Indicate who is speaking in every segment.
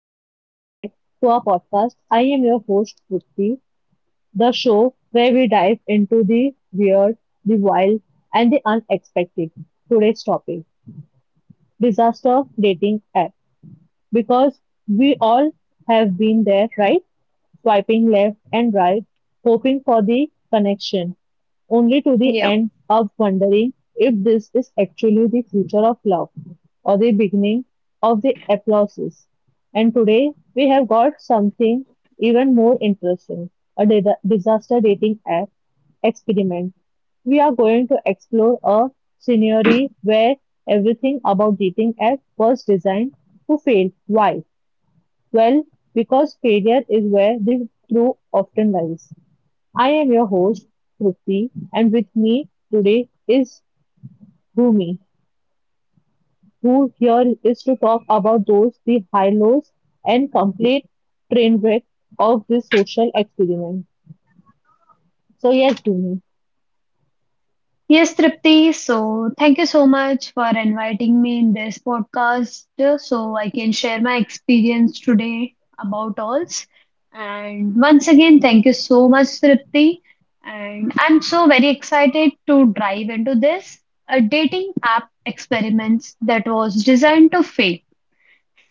Speaker 1: and welcome back to our podcast. I am your host, Trupti, the show where we dive into the weird, the wild, and the unexpected. Today's topic disaster dating app. Because we all have been there, right? Swiping left and right, hoping for the connection, only to the
Speaker 2: Yeah.
Speaker 1: end up wondering if this is actually the future of love or the beginning of the applauses. And today we have got something even more interesting a disaster dating app experiment. We are going to explore a scenario where everything about dating app was designed to fail. Why? Well, because failure is where the truth often lies. I am your host, Trupti, and with me today is Bhumi, who here is to talk about those the high lows and complete train wreck of this social experiment. So yes, Bhumi.
Speaker 2: Yes, Tripti. So, thank you so much for inviting me in this podcast, so I can share my experience today about alls. And once again, thank you so much, Tripti. And I'm so very excited to dive into this a dating app experiments that was designed to fail.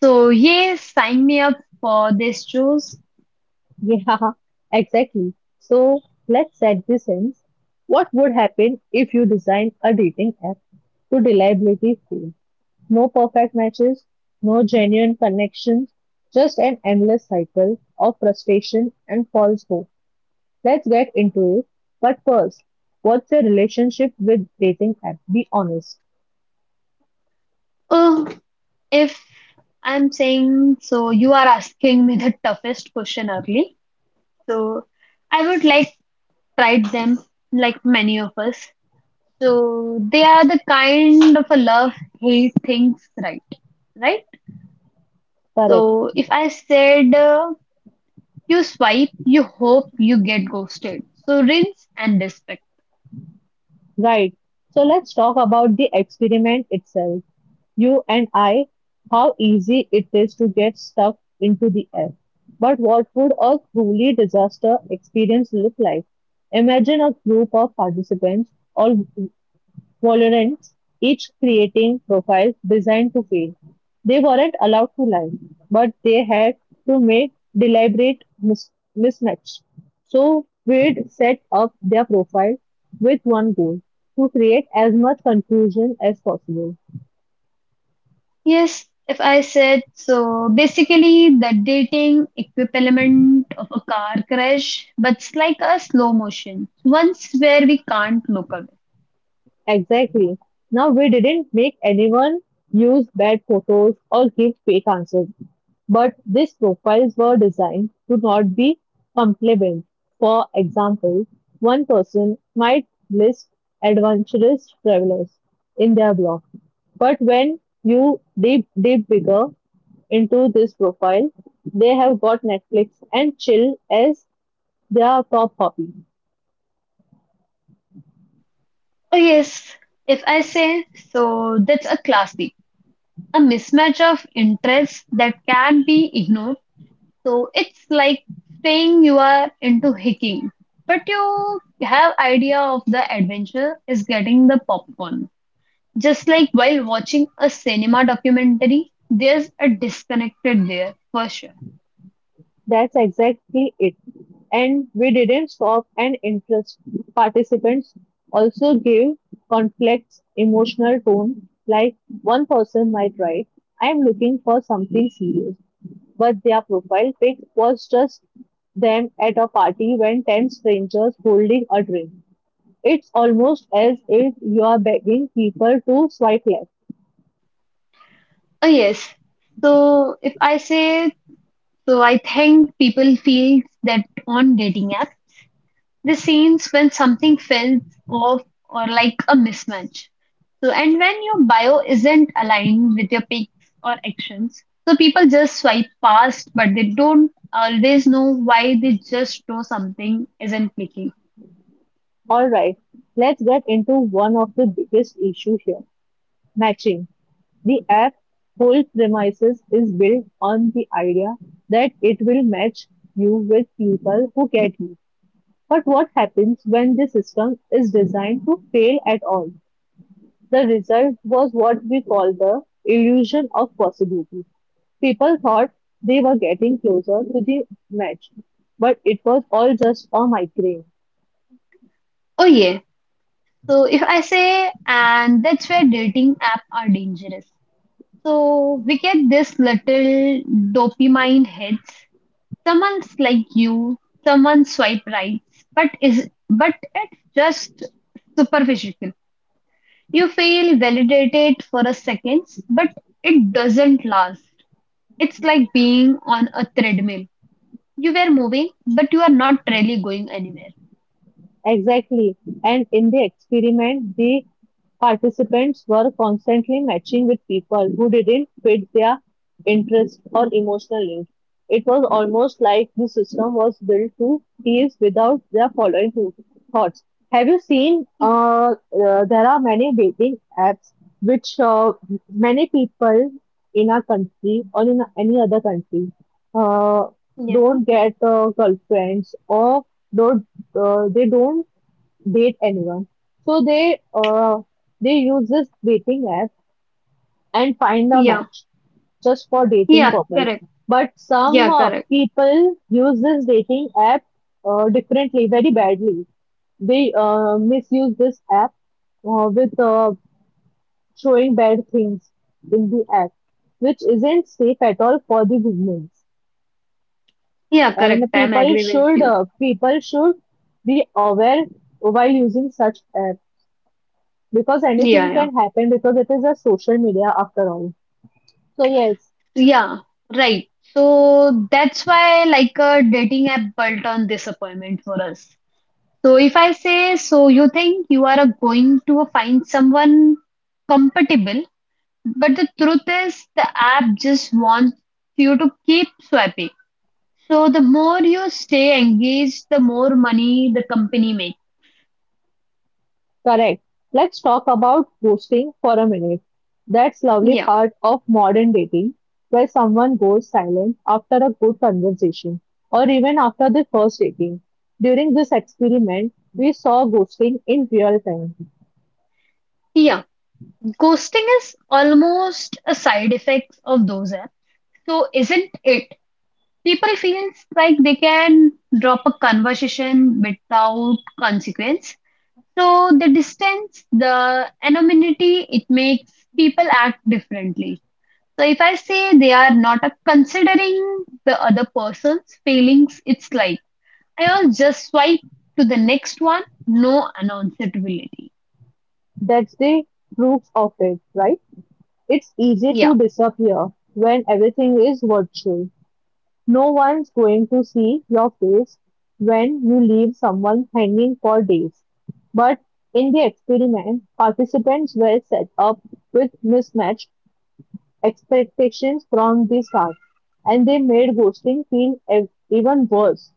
Speaker 2: So, yeah, sign me up for this choice.
Speaker 1: Yeah, exactly. So let's set this in. What would happen if you design a dating app to reliability fail? No perfect matches, no genuine connections, just an endless cycle of frustration and false hope. Let's get into it. But first, what's your relationship with dating app? Be honest.
Speaker 2: Oh, if I'm saying so, you are asking me the toughest question early. So I would like tried them, like many of us. So they are the kind of a love hate things, right?
Speaker 1: Correct.
Speaker 2: So if I said, you swipe, you hope you get ghosted. So rinse and respect.
Speaker 1: Right. So let's talk about the experiment itself. You and I, how easy it is to get stuck into the app. But what would a truly disaster experience look like? Imagine a group of participants, all Valorants, each creating profiles designed to fail. They weren't allowed to lie, but they had to make deliberate mismatch. So Wade set up their profile with one goal to create as much confusion as possible.
Speaker 2: Yes, if I said so, basically the dating equivalent of a car crash, but it's like a slow motion, once where we can't look away.
Speaker 1: Exactly. Now, we didn't make anyone use bad photos or give fake answers, but these profiles were designed to not be compliment. For example, one person might list adventurous travelers in their blog, but when you dig bigger into this profile, they have got Netflix and chill as their top hobby.
Speaker 2: Oh yes, if I say so, that's a classic. A mismatch of interests that can't be ignored. So it's like saying you are into hiking, but you have idea of the adventure is getting the popcorn. Just like while watching a cinema documentary, there's a disconnected there for sure.
Speaker 1: That's exactly it. And we didn't stop and interest participants also gave complex emotional tone like one person might write, I am looking for something serious, but their profile pic was just them at a party when 10 strangers holding a drink. It's almost as if you are begging people to swipe left.
Speaker 2: Oh yes. So if I say so I think people feel that on dating apps the scenes when something feels off or like a mismatch. So, and when your bio isn't aligned with your pics or actions, so people just swipe past, but they don't always know why they just know something isn't clicking.
Speaker 1: Alright, let's get into one of the biggest issues here matching. The app, whole premises is built on the idea that it will match you with people who get you. But what happens when the system is designed to fail at all? The result was what we call the illusion of possibility. People thought they were getting closer to the match, but it was all just a migraine.
Speaker 2: Oh, yeah. So, if I say, and that's where dating app are dangerous. So, we get this little dopamine hits. Someone's like you, someone swipe right, but is but it's just superficial. You feel validated for a second, but it doesn't last. It's like being on a treadmill. You were moving, but you are not really going anywhere.
Speaker 1: Exactly. And in the experiment, the participants were constantly matching with people who didn't fit their interest or emotional needs. It was almost like the system was built to tease without their thoughts. Have you seen? There are many dating apps which many people in our country or in any other country. Uh,
Speaker 2: Yeah,
Speaker 1: don't get girlfriends or don't they don't date anyone so they use this dating app and find a
Speaker 2: yeah,
Speaker 1: match just for dating
Speaker 2: yeah,
Speaker 1: purpose
Speaker 2: correct.
Speaker 1: but some
Speaker 2: Yeah, correct.
Speaker 1: people use this dating app differently very badly they misuse this app with showing bad things in the app which isn't safe at all for the women.
Speaker 2: Yeah, correct.
Speaker 1: And
Speaker 2: I'm agree with you.
Speaker 1: people should be aware while using such app because
Speaker 2: Yeah,
Speaker 1: anything
Speaker 2: yeah.
Speaker 1: can happen because it is a social media after all. So yes,
Speaker 2: Yeah, right. So that's why like a dating app built on disappointment for us. So if I say, so you think you are a going to find someone compatible, but the truth is the app just wants you to keep swiping. So the more you stay engaged, the more money the company makes.
Speaker 1: correct. Let's talk about ghosting for a minute. That's lovely
Speaker 2: Yeah.
Speaker 1: part of modern dating where someone goes silent after a good conversation or even after the first dating. During this experiment, we saw ghosting in real time.
Speaker 2: Yeah, ghosting is almost a side effect of those apps. So isn't it? People feels like they can drop a conversation without consequence. So the distance, the anonymity, it makes people act differently. So if I say they are not considering the other person's feelings, it's like I'll just swipe to the next one, no announceability.
Speaker 1: That's the proof of it, right? It's easy
Speaker 2: Yeah,
Speaker 1: to disappear when everything is virtual. No one's going to see your face when you leave someone hanging for days. But in the experiment, participants were set up with mismatched expectations from the start, and they made ghosting feel even worse.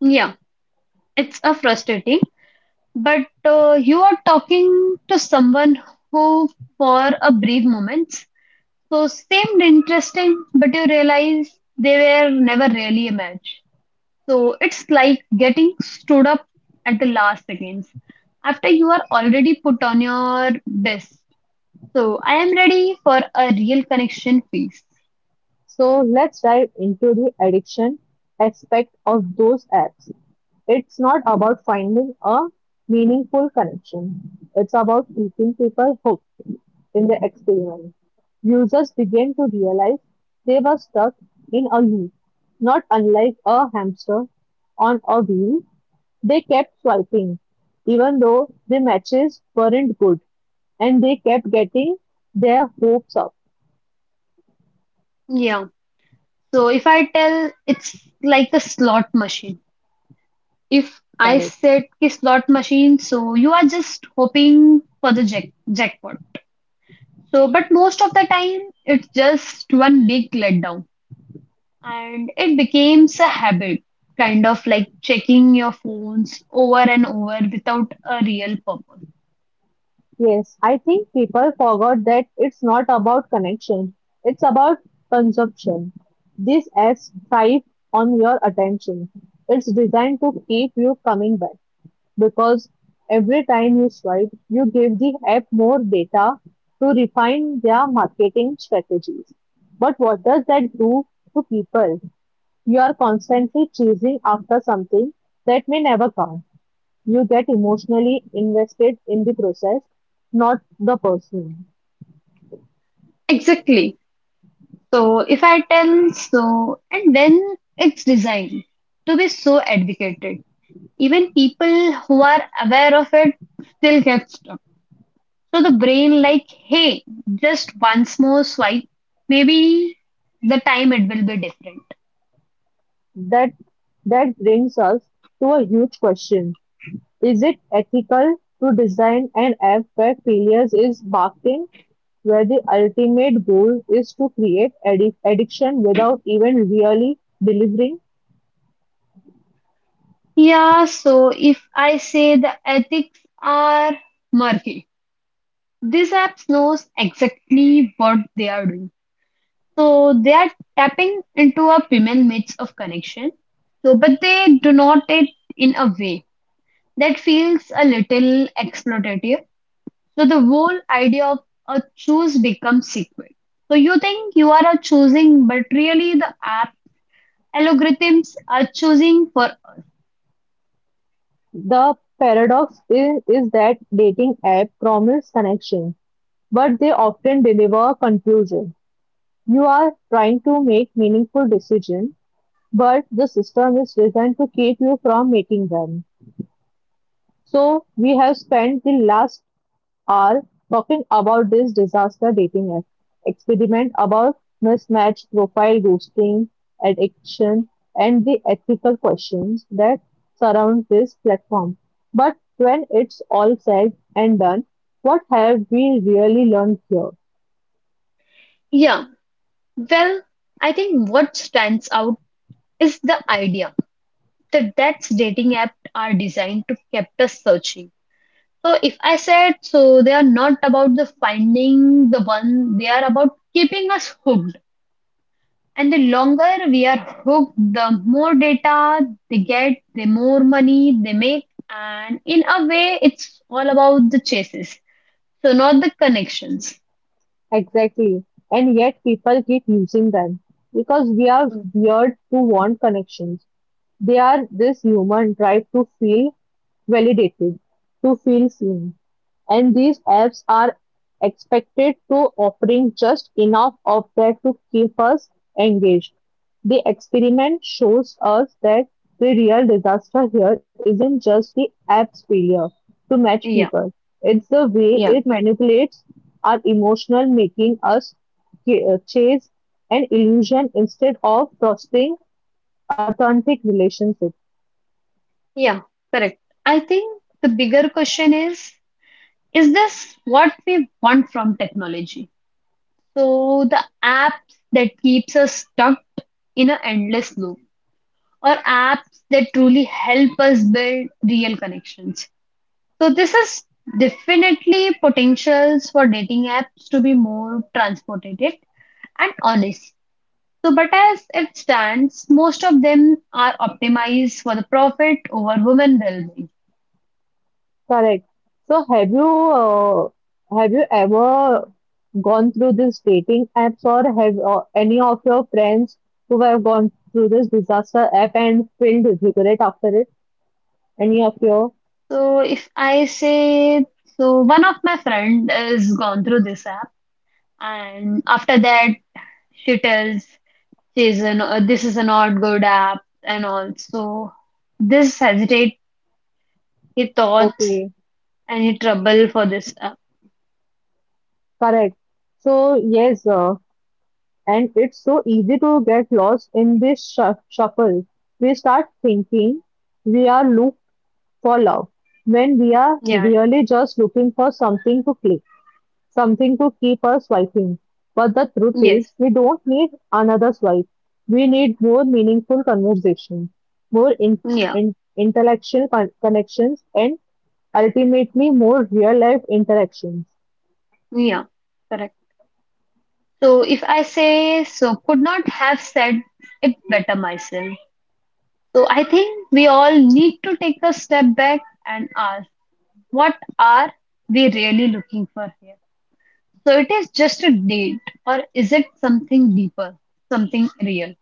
Speaker 2: yeah, it's a frustrating. But you are talking to someone who, for a brief moment, so seemed interesting, but you realize they were never really a match. So it's like getting stood up at the last seconds after you are already put on your best. So I am ready for a real connection phase.
Speaker 1: So let's dive into the addiction aspect of those apps. It's not about finding a meaningful connection. It's about keeping people hooked in the experiment. Users began to realize they were stuck in a loop. Not unlike a hamster on a wheel, they kept swiping, even though the matches weren't good, and they kept getting their hopes up.
Speaker 2: Yeah. So if I tell it's like a slot machine. If I
Speaker 1: Correct.
Speaker 2: said ki slot machine, so you are just hoping for the jackpot. So but most of the time it's just one big letdown. And it becomes a habit, kind of like checking your phones over and over without a real purpose.
Speaker 1: Yes, I think people forgot that it's not about connection, it's about consumption. These ads thrive on your attention. It's designed to keep you coming back because every time you swipe, you give the app more data to refine their marketing strategies. But what does that do to people? You are constantly chasing after something that may never come. You get emotionally invested in the process, not the person.
Speaker 2: Exactly. So if I tell so, and then it's designed to be so advocated. Even people who are aware of it still get stuck. So the brain, like, hey, just once more swipe, maybe the time it will be different.
Speaker 1: That that brings us to a huge question. Is it ethical to design an app where failures is baked in, where the ultimate goal is to create addiction without even really delivering?
Speaker 2: Yeah, so if I say the ethics are murky. This app knows exactly what they are doing. So they are tapping into a premium mix of connection. So, but they do not it in a way that feels a little exploitative. So the whole idea of a choose becomes secret. So you think you are a choosing, but really the app algorithms are choosing for
Speaker 1: The paradox is that dating app promise connection, but they often deliver confusion. You are trying to make meaningful decision, but the system is designed to keep you from making them. So, we have spent the last hour talking about this disaster dating app, experiment about mismatched profile ghosting, addiction, and the ethical questions that surround this platform. But when it's all said and done, what have we really learned here?
Speaker 2: yeah. Well, I think what stands out is the idea that that's dating apps are designed to keep us searching. So if I said so, they are not about the finding the one, they are about keeping us hooked. And the longer we are hooked, the more data they get, the more money they make. And in a way, it's all about the chases, so not the connections.
Speaker 1: Exactly. And yet people keep using them because we are
Speaker 2: Mm.
Speaker 1: weird to want connections. They are this human drive to feel validated, to feel seen. And these apps are expected to offering just enough of that to keep us engaged. The experiment shows us that the real disaster here isn't just the app's failure to match
Speaker 2: Yeah,
Speaker 1: people. It's the way
Speaker 2: yeah,
Speaker 1: it
Speaker 2: correct.
Speaker 1: manipulates our emotional, making us chase an illusion instead of trusting authentic relationship.
Speaker 2: Yeah, correct. I think the bigger question is this what we want from technology? So the apps that keeps us stuck in an endless loop or apps that truly help us build real connections. So this is definitely potentials for dating apps to be more transported and honest. So but as it stands, most of them are optimized for the profit over women well-being.
Speaker 1: Correct. So have you ever gone through this dating apps or have any of your friends who have gone through this disaster app and filled regret after it? Any of your?
Speaker 2: So if I say so one of my friend has gone through this app and after that she tells she's an, this is a not good app and also this hesitate He thoughts
Speaker 1: Okay,
Speaker 2: any trouble for this.
Speaker 1: correct. So yes, and it's so easy to get lost in this shuffle. We start thinking we are looked for love when we are
Speaker 2: Yeah,
Speaker 1: really just looking for something to click. Something to keep us swiping. But the truth
Speaker 2: yes,
Speaker 1: is, we don't need another swipe. We need more meaningful conversation, more in,
Speaker 2: yeah,
Speaker 1: intellectual connections, and ultimately more real life interactions.
Speaker 2: yeah, correct. So if I say so, could not have said it better myself. So I think we all need to take a step back and ask, what are we really looking for here? So it is just a date, or is it something deeper, something real?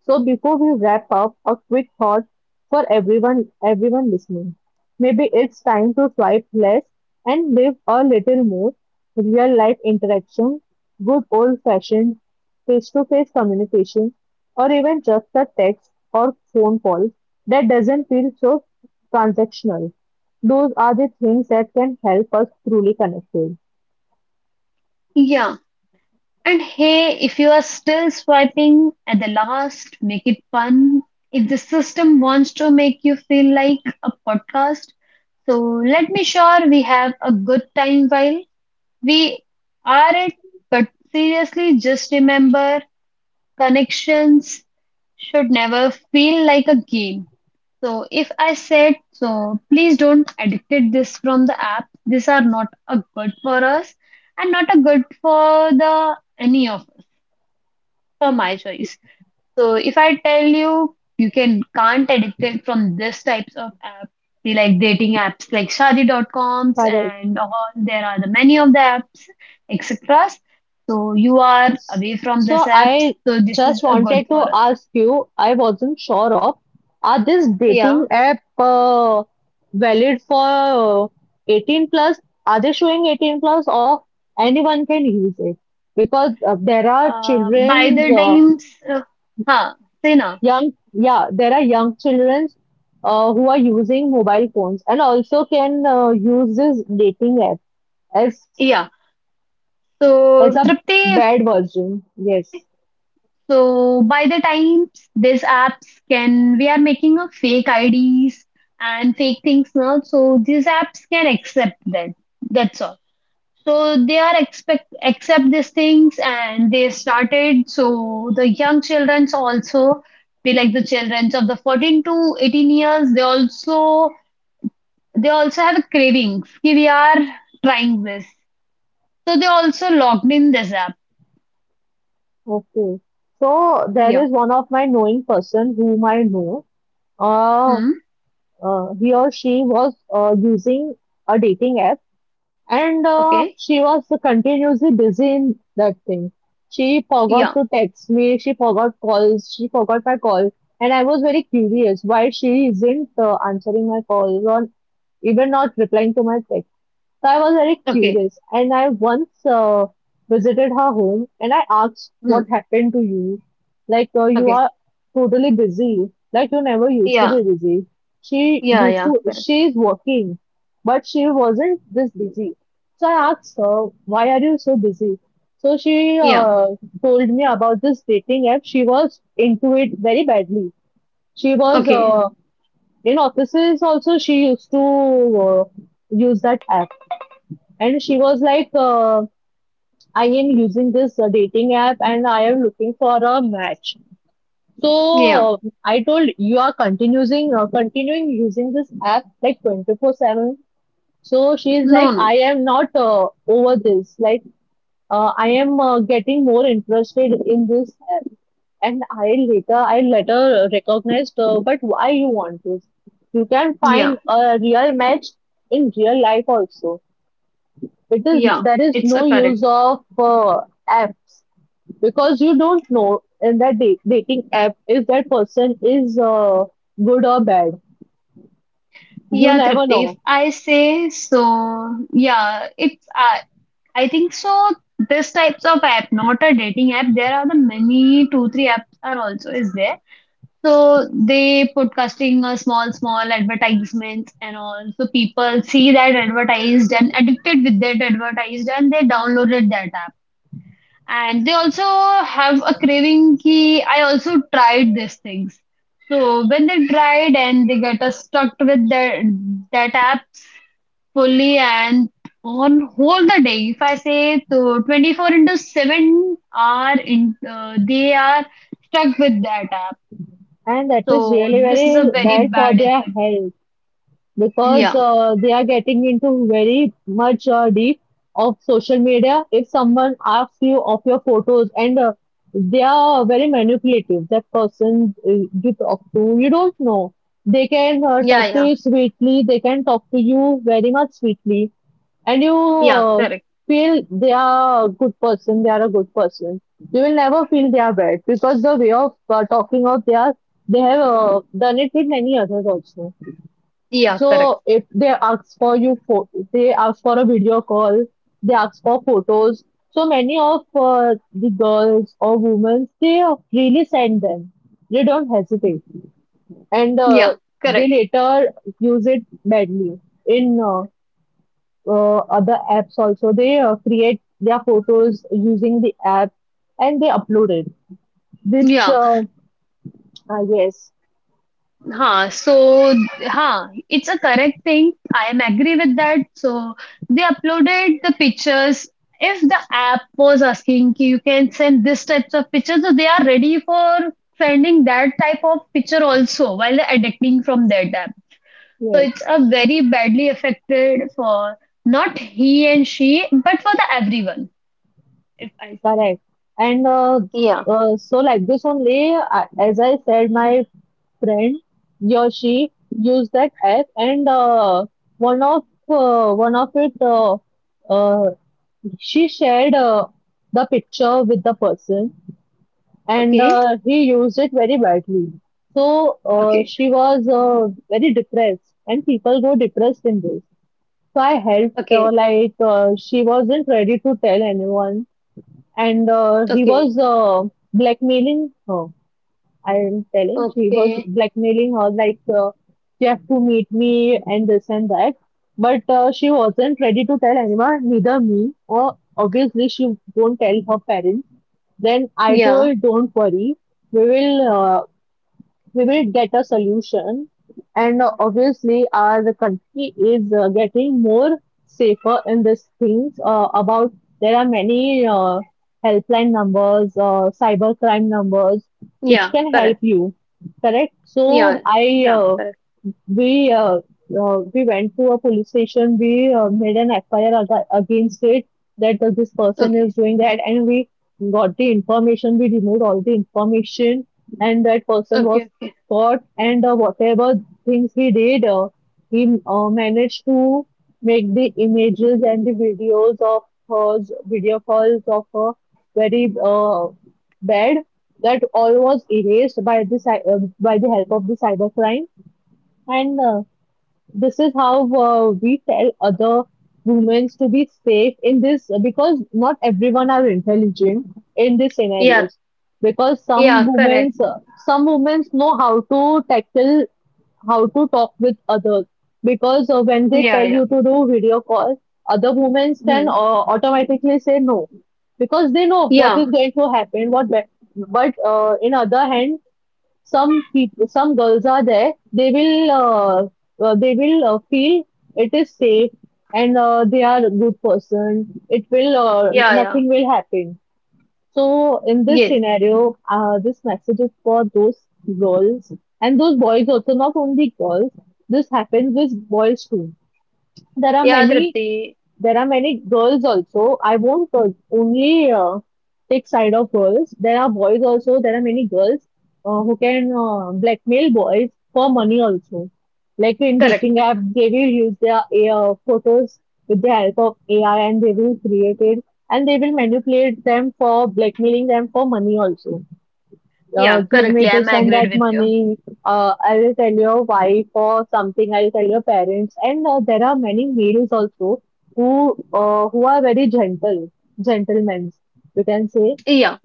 Speaker 1: So before we wrap up, a quick thought for everyone listening. Maybe it's time to swipe less and live a little more real life interaction, good old fashioned face to face communication, or even just a text or phone call that doesn't feel so transactional. Those are the things that can help us truly connected.
Speaker 2: Yeah. And hey, if you are still swiping at the last, make it fun. If the system wants to make you feel like a podcast, so let me sure we have a good time while we are it. But seriously, just remember connections should never feel like a game. So if I said so, please don't edit this from the app. These are not a good for us and not a good for the any of for my choice. So if I tell you can't addicted from this types of app, we like dating apps like Shaadi.coms
Speaker 1: Correct.
Speaker 2: and all there are the many of the apps, etc. So you are away from this
Speaker 1: So
Speaker 2: apps,
Speaker 1: I
Speaker 2: so this is
Speaker 1: just
Speaker 2: a good
Speaker 1: wanted
Speaker 2: for
Speaker 1: to
Speaker 2: us.
Speaker 1: ask you, I wasn't sure of, are this dating
Speaker 2: Yeah.
Speaker 1: app valid for 18 plus? Are they showing 18 plus or anyone can use it? Because there are
Speaker 2: By
Speaker 1: children's
Speaker 2: the times, huh, say na.
Speaker 1: young, yeah, there are young children's who are using mobile phones and also can use this dating app as
Speaker 2: Yeah.
Speaker 1: as a
Speaker 2: So Tripti, if
Speaker 1: bad
Speaker 2: I
Speaker 1: version.
Speaker 2: say
Speaker 1: Yes.
Speaker 2: So by the time these apps can, we are making a fake IDs and fake things now. So these apps can accept that. That's all. So they are expect accept these things and they started. So the young childrens also, they like the childrens of the 14 to 18 years, they also have a cravings. "Ki We are trying this. So they also logged in this app.
Speaker 1: Okay. So there
Speaker 2: Yeah.
Speaker 1: is one of my knowing person whom I know. Uh,
Speaker 2: Hmm.
Speaker 1: he or she was using a dating app and
Speaker 2: Okay.
Speaker 1: she was continuously busy in that thing. She forgot
Speaker 2: Yeah.
Speaker 1: to text me, she forgot calls, she forgot my call. And I was very curious why she isn't answering my calls or even not replying to my text. So I was very
Speaker 2: Okay.
Speaker 1: curious, and I once visited her home and I asked
Speaker 2: Hmm.
Speaker 1: what happened to you. Like, you
Speaker 2: Okay.
Speaker 1: are totally busy. Like, you never used to
Speaker 2: Yeah,
Speaker 1: be busy. She
Speaker 2: yeah,
Speaker 1: used
Speaker 2: yeah,
Speaker 1: to,
Speaker 2: correct.
Speaker 1: she is working, but she wasn't this busy. So I asked her, why are you so busy? So she
Speaker 2: Yeah,
Speaker 1: told me about this dating app. She was into it very badly. She was
Speaker 2: okay.
Speaker 1: in offices also, she used to use that app. And she was like, I am using this dating app and I am looking for a match.
Speaker 2: Yeah,
Speaker 1: So I told you are continuing continuing using this app like 24/7. So she is
Speaker 2: no,
Speaker 1: like,
Speaker 2: no.
Speaker 1: I am not over this. Like I am getting more interested in this app. And I later recognized, but why you want this? You can
Speaker 2: Yeah,
Speaker 1: find a real match in real life also. It is
Speaker 2: yeah,
Speaker 1: there is
Speaker 2: it's a
Speaker 1: no
Speaker 2: correct.
Speaker 1: use of apps because you don't know in that dating app if that person is good or bad. You
Speaker 2: Yeah,
Speaker 1: never
Speaker 2: Tripti, if
Speaker 1: know,
Speaker 2: I say so, yeah, it's I think so. This types of app, not a dating app. There are the many two, three apps are also is there. So they podcasting a small, small advertisements and all. So people see that advertised and addicted with that advertised and they downloaded that app. And they also have a craving ki I also tried these things. So when they tried and they get us stuck with that app fully and on whole the day, if I say to 24 into 7 are in, they are stuck with that app.
Speaker 1: and that is
Speaker 2: So
Speaker 1: really
Speaker 2: this is
Speaker 1: very
Speaker 2: a very
Speaker 1: bad for
Speaker 2: bad
Speaker 1: their
Speaker 2: effect.
Speaker 1: health. Because
Speaker 2: Yeah,
Speaker 1: they are getting into very much deep of social media. If someone asks you of your photos and they are very manipulative, that person you talk to, you don't know. They can
Speaker 2: yeah,
Speaker 1: talk to
Speaker 2: yeah,
Speaker 1: you sweetly, they can talk to you very much sweetly, and you
Speaker 2: yeah,
Speaker 1: uh,
Speaker 2: correct.
Speaker 1: feel they are a good person, they are a good person. You will never feel they are bad because the way of talking of they are, they have done it with many others also.
Speaker 2: Yeah,
Speaker 1: So
Speaker 2: correct.
Speaker 1: if they ask for you, for they ask for a video call, they ask for photos. So many of the girls or women, they really send them. They don't hesitate, and
Speaker 2: Yeah, correct.
Speaker 1: they later use it badly in other apps also. They create their photos using the app and they upload it, which
Speaker 2: Yeah.
Speaker 1: uh, ah yes,
Speaker 2: So it's a correct thing. I am agree with that. So they uploaded the pictures. If the app was asking ki you can send this types of pictures, so they are ready for sending that type of picture also while adapting from that app. So
Speaker 1: yes.
Speaker 2: it's a very badly affected for not he and she, but for the everyone. If I see.
Speaker 1: Correct. And uh,
Speaker 2: Yeah.
Speaker 1: like this only, I as I said, my friend, he or she used that app, and one of one of it, uh, she shared the picture with the person, and
Speaker 2: Okay.
Speaker 1: he used it very badly. So
Speaker 2: Okay.
Speaker 1: she was very depressed, and people go depressed in this. So I helped her,
Speaker 2: Okay.
Speaker 1: like she wasn't ready to tell anyone and he
Speaker 2: Okay.
Speaker 1: was blackmailing her. I'm telling, she was
Speaker 2: Okay.
Speaker 1: blackmailing her like you have to meet me and this and that. But she wasn't ready to tell anyone, neither me. Or obviously she won't tell her parents. Then I
Speaker 2: Yeah.
Speaker 1: told, don't worry, we will uh, we will get a solution. And obviously, our country is getting more safer in these things. About there are many helpline numbers, cyber crime numbers, which
Speaker 2: Yeah.
Speaker 1: can help
Speaker 2: Correct.
Speaker 1: you. Correct. So
Speaker 2: Yeah,
Speaker 1: I
Speaker 2: yeah, correct.
Speaker 1: we uh, we went to a police station. We made an FIR against it that this person
Speaker 2: Okay,
Speaker 1: is doing that, and we got the information. We removed all the information, and that person was
Speaker 2: okay, okay.
Speaker 1: caught. And whatever things we did, he managed to make the images and the videos of her video calls of her very bad. That all was erased by the by the help of the cybercrime and this is how we tell other women to be safe in this because not everyone are intelligent in these
Speaker 2: Yeah,
Speaker 1: scenarios because
Speaker 2: yeah, correct.
Speaker 1: some women know how to tackle, how to talk with others because when they tell
Speaker 2: Yeah, yeah.
Speaker 1: you to do video call, other women can
Speaker 2: Hmm.
Speaker 1: automatically say no because they know what
Speaker 2: Yeah,
Speaker 1: is going to happen, but in other hand some people, some girls are there. They will feel it is safe and they are a good person.
Speaker 2: yeah, yeah.
Speaker 1: Nothing will happen. So in this
Speaker 2: Yes.
Speaker 1: scenario, this message is for those girls and those boys also, not only girls. This happens with boys too. There are
Speaker 2: Yeah,
Speaker 1: many
Speaker 2: Tripti.
Speaker 1: there are many girls also. I won't only take side of girls. There are boys also. There are many girls who can blackmail boys for money also. Like in dating
Speaker 2: Correct.
Speaker 1: app, they will use their photos with the help of AI and they will create it and they will manipulate them for blackmailing them for money also,
Speaker 2: Yeah,
Speaker 1: give me
Speaker 2: correctly. I'm
Speaker 1: this and that
Speaker 2: agreed with you.
Speaker 1: money. I will tell your wife or something. I will tell your parents. And there are many males also who are very gentle, gentlemen. You can say,
Speaker 2: Yeah,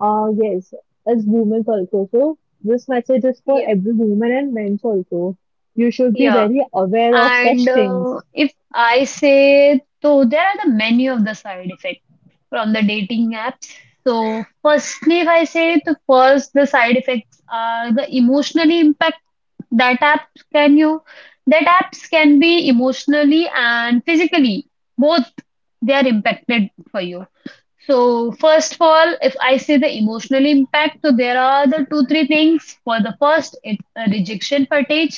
Speaker 1: yes, as women also. So this message is for
Speaker 2: yeah,
Speaker 1: every woman and men also. You should be
Speaker 2: yeah.
Speaker 1: very aware of
Speaker 2: And,
Speaker 1: such things.
Speaker 2: if I say, so there are the many of the side effects from the dating apps. So, firstly, if I say, the first, the side effects are the emotionally that app can you that apps can be emotionally and physically both they are impacted for you. So first of all if I say the emotional impact, so there are the two three things for the first, it's a rejection fatigue.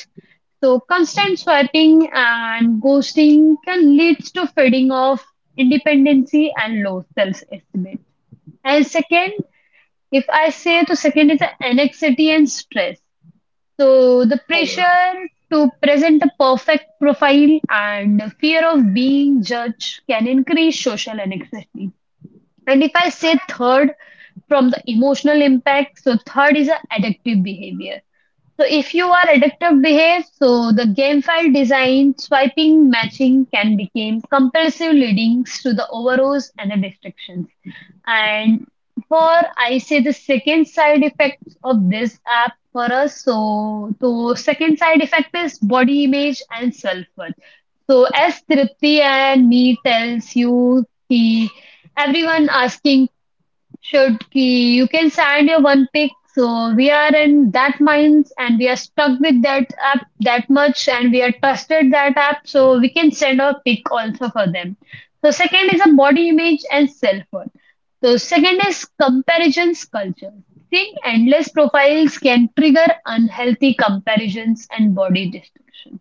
Speaker 2: So constant swiping and ghosting can lead to fading of independency and low self-estimate. And second, if I say the second is the anxiety and stress. So the
Speaker 1: Correct.
Speaker 2: pressure to present a perfect profile and the fear of being judged can increase social anxiety. And if I say third from the emotional impact, so third is a addictive behavior. So if you are addictive behave, so the game file design, swiping, matching can become compulsive leading to the overuse and the distractions. And for I say the second side effects of this app for us, so the second side effect is body image and self-worth. So as Tripti and me tells you, he everyone asking Shotki, you can send your one pick. So we are in that minds and we are stuck with that app that much and we are trusted that app so we can send our pick also for them. So second is a body image and self-worth. So second is comparisons culture. Seeing endless profiles can trigger unhealthy comparisons and body destruction.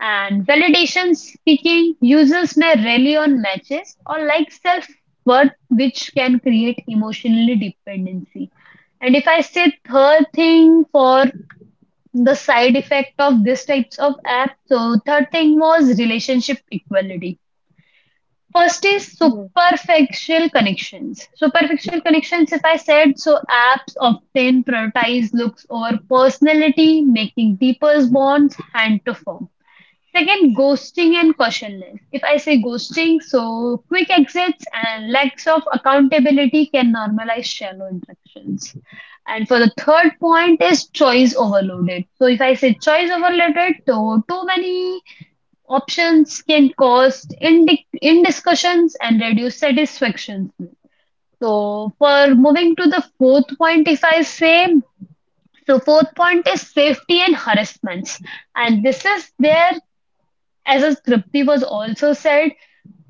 Speaker 2: And validation seeking users may rely on matches or like self worth, which can create emotionally dependency. And if I say third thing for the side effect of these types of apps, so third thing was relationship equality. First is
Speaker 1: Correct.
Speaker 2: superficial connections. Superficial connections, if I said, so apps often prioritize looks over personality, making deeper bonds hard to form. Second, ghosting and cautionless. If I say ghosting, so quick exits and lacks of accountability can normalize shallow interactions. And for the third point is choice overloaded. So if I say choice overloaded, so too many options can cause indiscussions and reduce satisfaction. So for moving to the fourth point, if I say, so fourth point is safety and harassments and this is there as a Tripti was also said,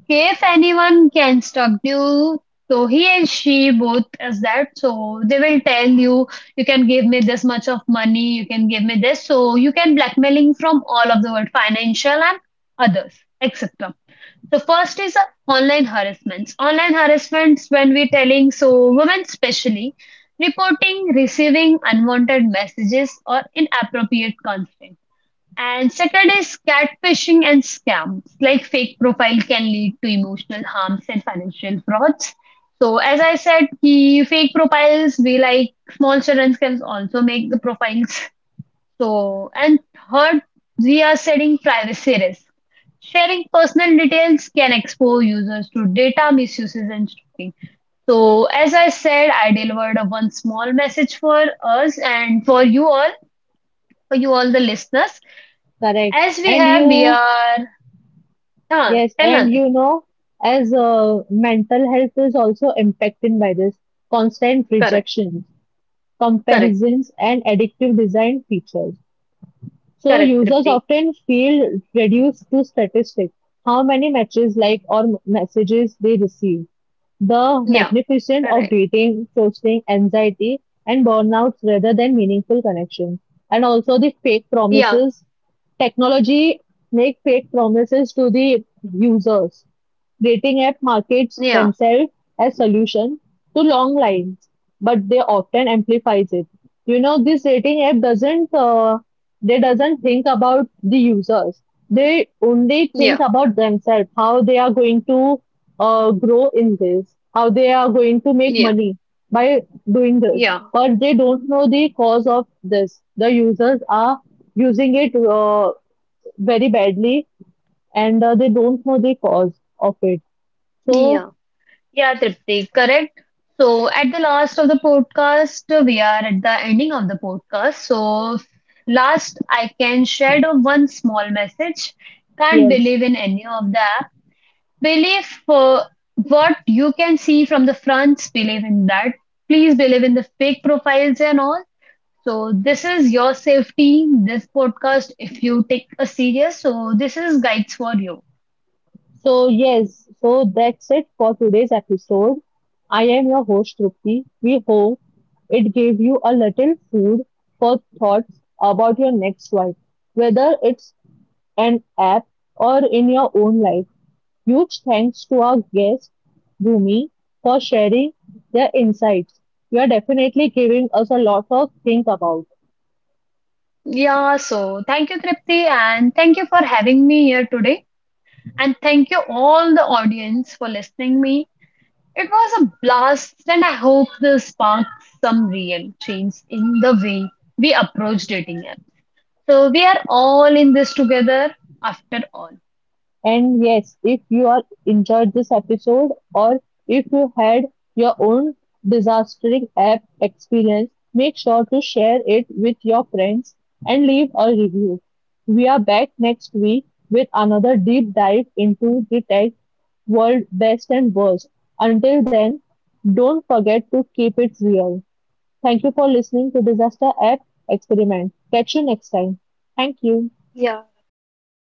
Speaker 2: if anyone can stalk you, so he and she both is that. So they will tell you, you can give me this much of money, you can give me this. So you can blackmailing from all of the world, financial and others, etc. So first is, online harassments. Online harassments when we telling so women specially reporting receiving unwanted messages or inappropriate content and second is catfishing and scams. Like fake profile can lead to emotional harms and financial frauds. So as I said, ki fake profiles be like small children can also make the profiles. So and third, we are setting privacy risk. Sharing personal details can expose users to data misuses and stalking. So, as I said, I delivered a one small message for us and for you all the listeners.
Speaker 1: Correct.
Speaker 2: As we
Speaker 1: And
Speaker 2: have, we
Speaker 1: you.
Speaker 2: are. Huh,
Speaker 1: Yes,
Speaker 2: tell
Speaker 1: and
Speaker 2: nothing.
Speaker 1: you know, as mental health is also impacted by this constant
Speaker 2: Correct,
Speaker 1: rejection,
Speaker 2: correct,
Speaker 1: comparisons, and addictive design features. So
Speaker 2: correct,
Speaker 1: users
Speaker 2: Tripti.
Speaker 1: often feel reduced to statistics, how many matches like or messages they receive, the
Speaker 2: Yeah,
Speaker 1: magnificence of
Speaker 2: correct.
Speaker 1: dating, ghosting, anxiety, and burnouts rather than meaningful connections. And also the fake
Speaker 2: Yeah,
Speaker 1: promises. Technology make fake promises to the users. Dating app
Speaker 2: yeah,
Speaker 1: markets themselves as solution to long lines, but they often amplifies it. You know, this dating app doesn't they doesn't think about the users, they
Speaker 2: yeah,
Speaker 1: only think about themselves, how they are going to grow in this, how they are going to
Speaker 2: yeah,
Speaker 1: make money by doing this,
Speaker 2: yeah,
Speaker 1: but they don't know the cause of this, the users are using it very badly, and they don't know the cause of it,
Speaker 2: yeah.
Speaker 1: so
Speaker 2: Yeah, Tripti, correct. So, at the last of the podcast, we are at the ending of the podcast. So, last, I can share the one small message. Can't
Speaker 1: yes.
Speaker 2: believe in any of the app. Believe, what you can see from the fronts, believe in that please believe in the fake profiles and all. So this is your safety, this podcast, if you take a serious. So this is guides for you.
Speaker 1: So, yes, so that's it for today's episode. I am your host, Trupti. We hope it gave you a little food for thoughts about your next life, whether it's an app or in your own life. Huge thanks to our guest, Bhumi, for sharing their insights. You are definitely giving us a lot of think about.
Speaker 2: Yeah, so thank you, Tripti, and thank you for having me here today. And thank you all the audience for listening me. It was a blast, and I hope this sparked some real change in the way we approach dating app. So we are all in this together after all.
Speaker 1: And yes, if you are enjoyed this episode or if you had your own disastering app experience, make sure to share it with your friends and leave a review. We are back next week with another deep dive into the tech world best and worst. Until then, don't forget to keep it real. Thank you for listening to Disaster App Experiment. Catch you next time. Thank you.
Speaker 2: Yeah. Thank you, Tripti.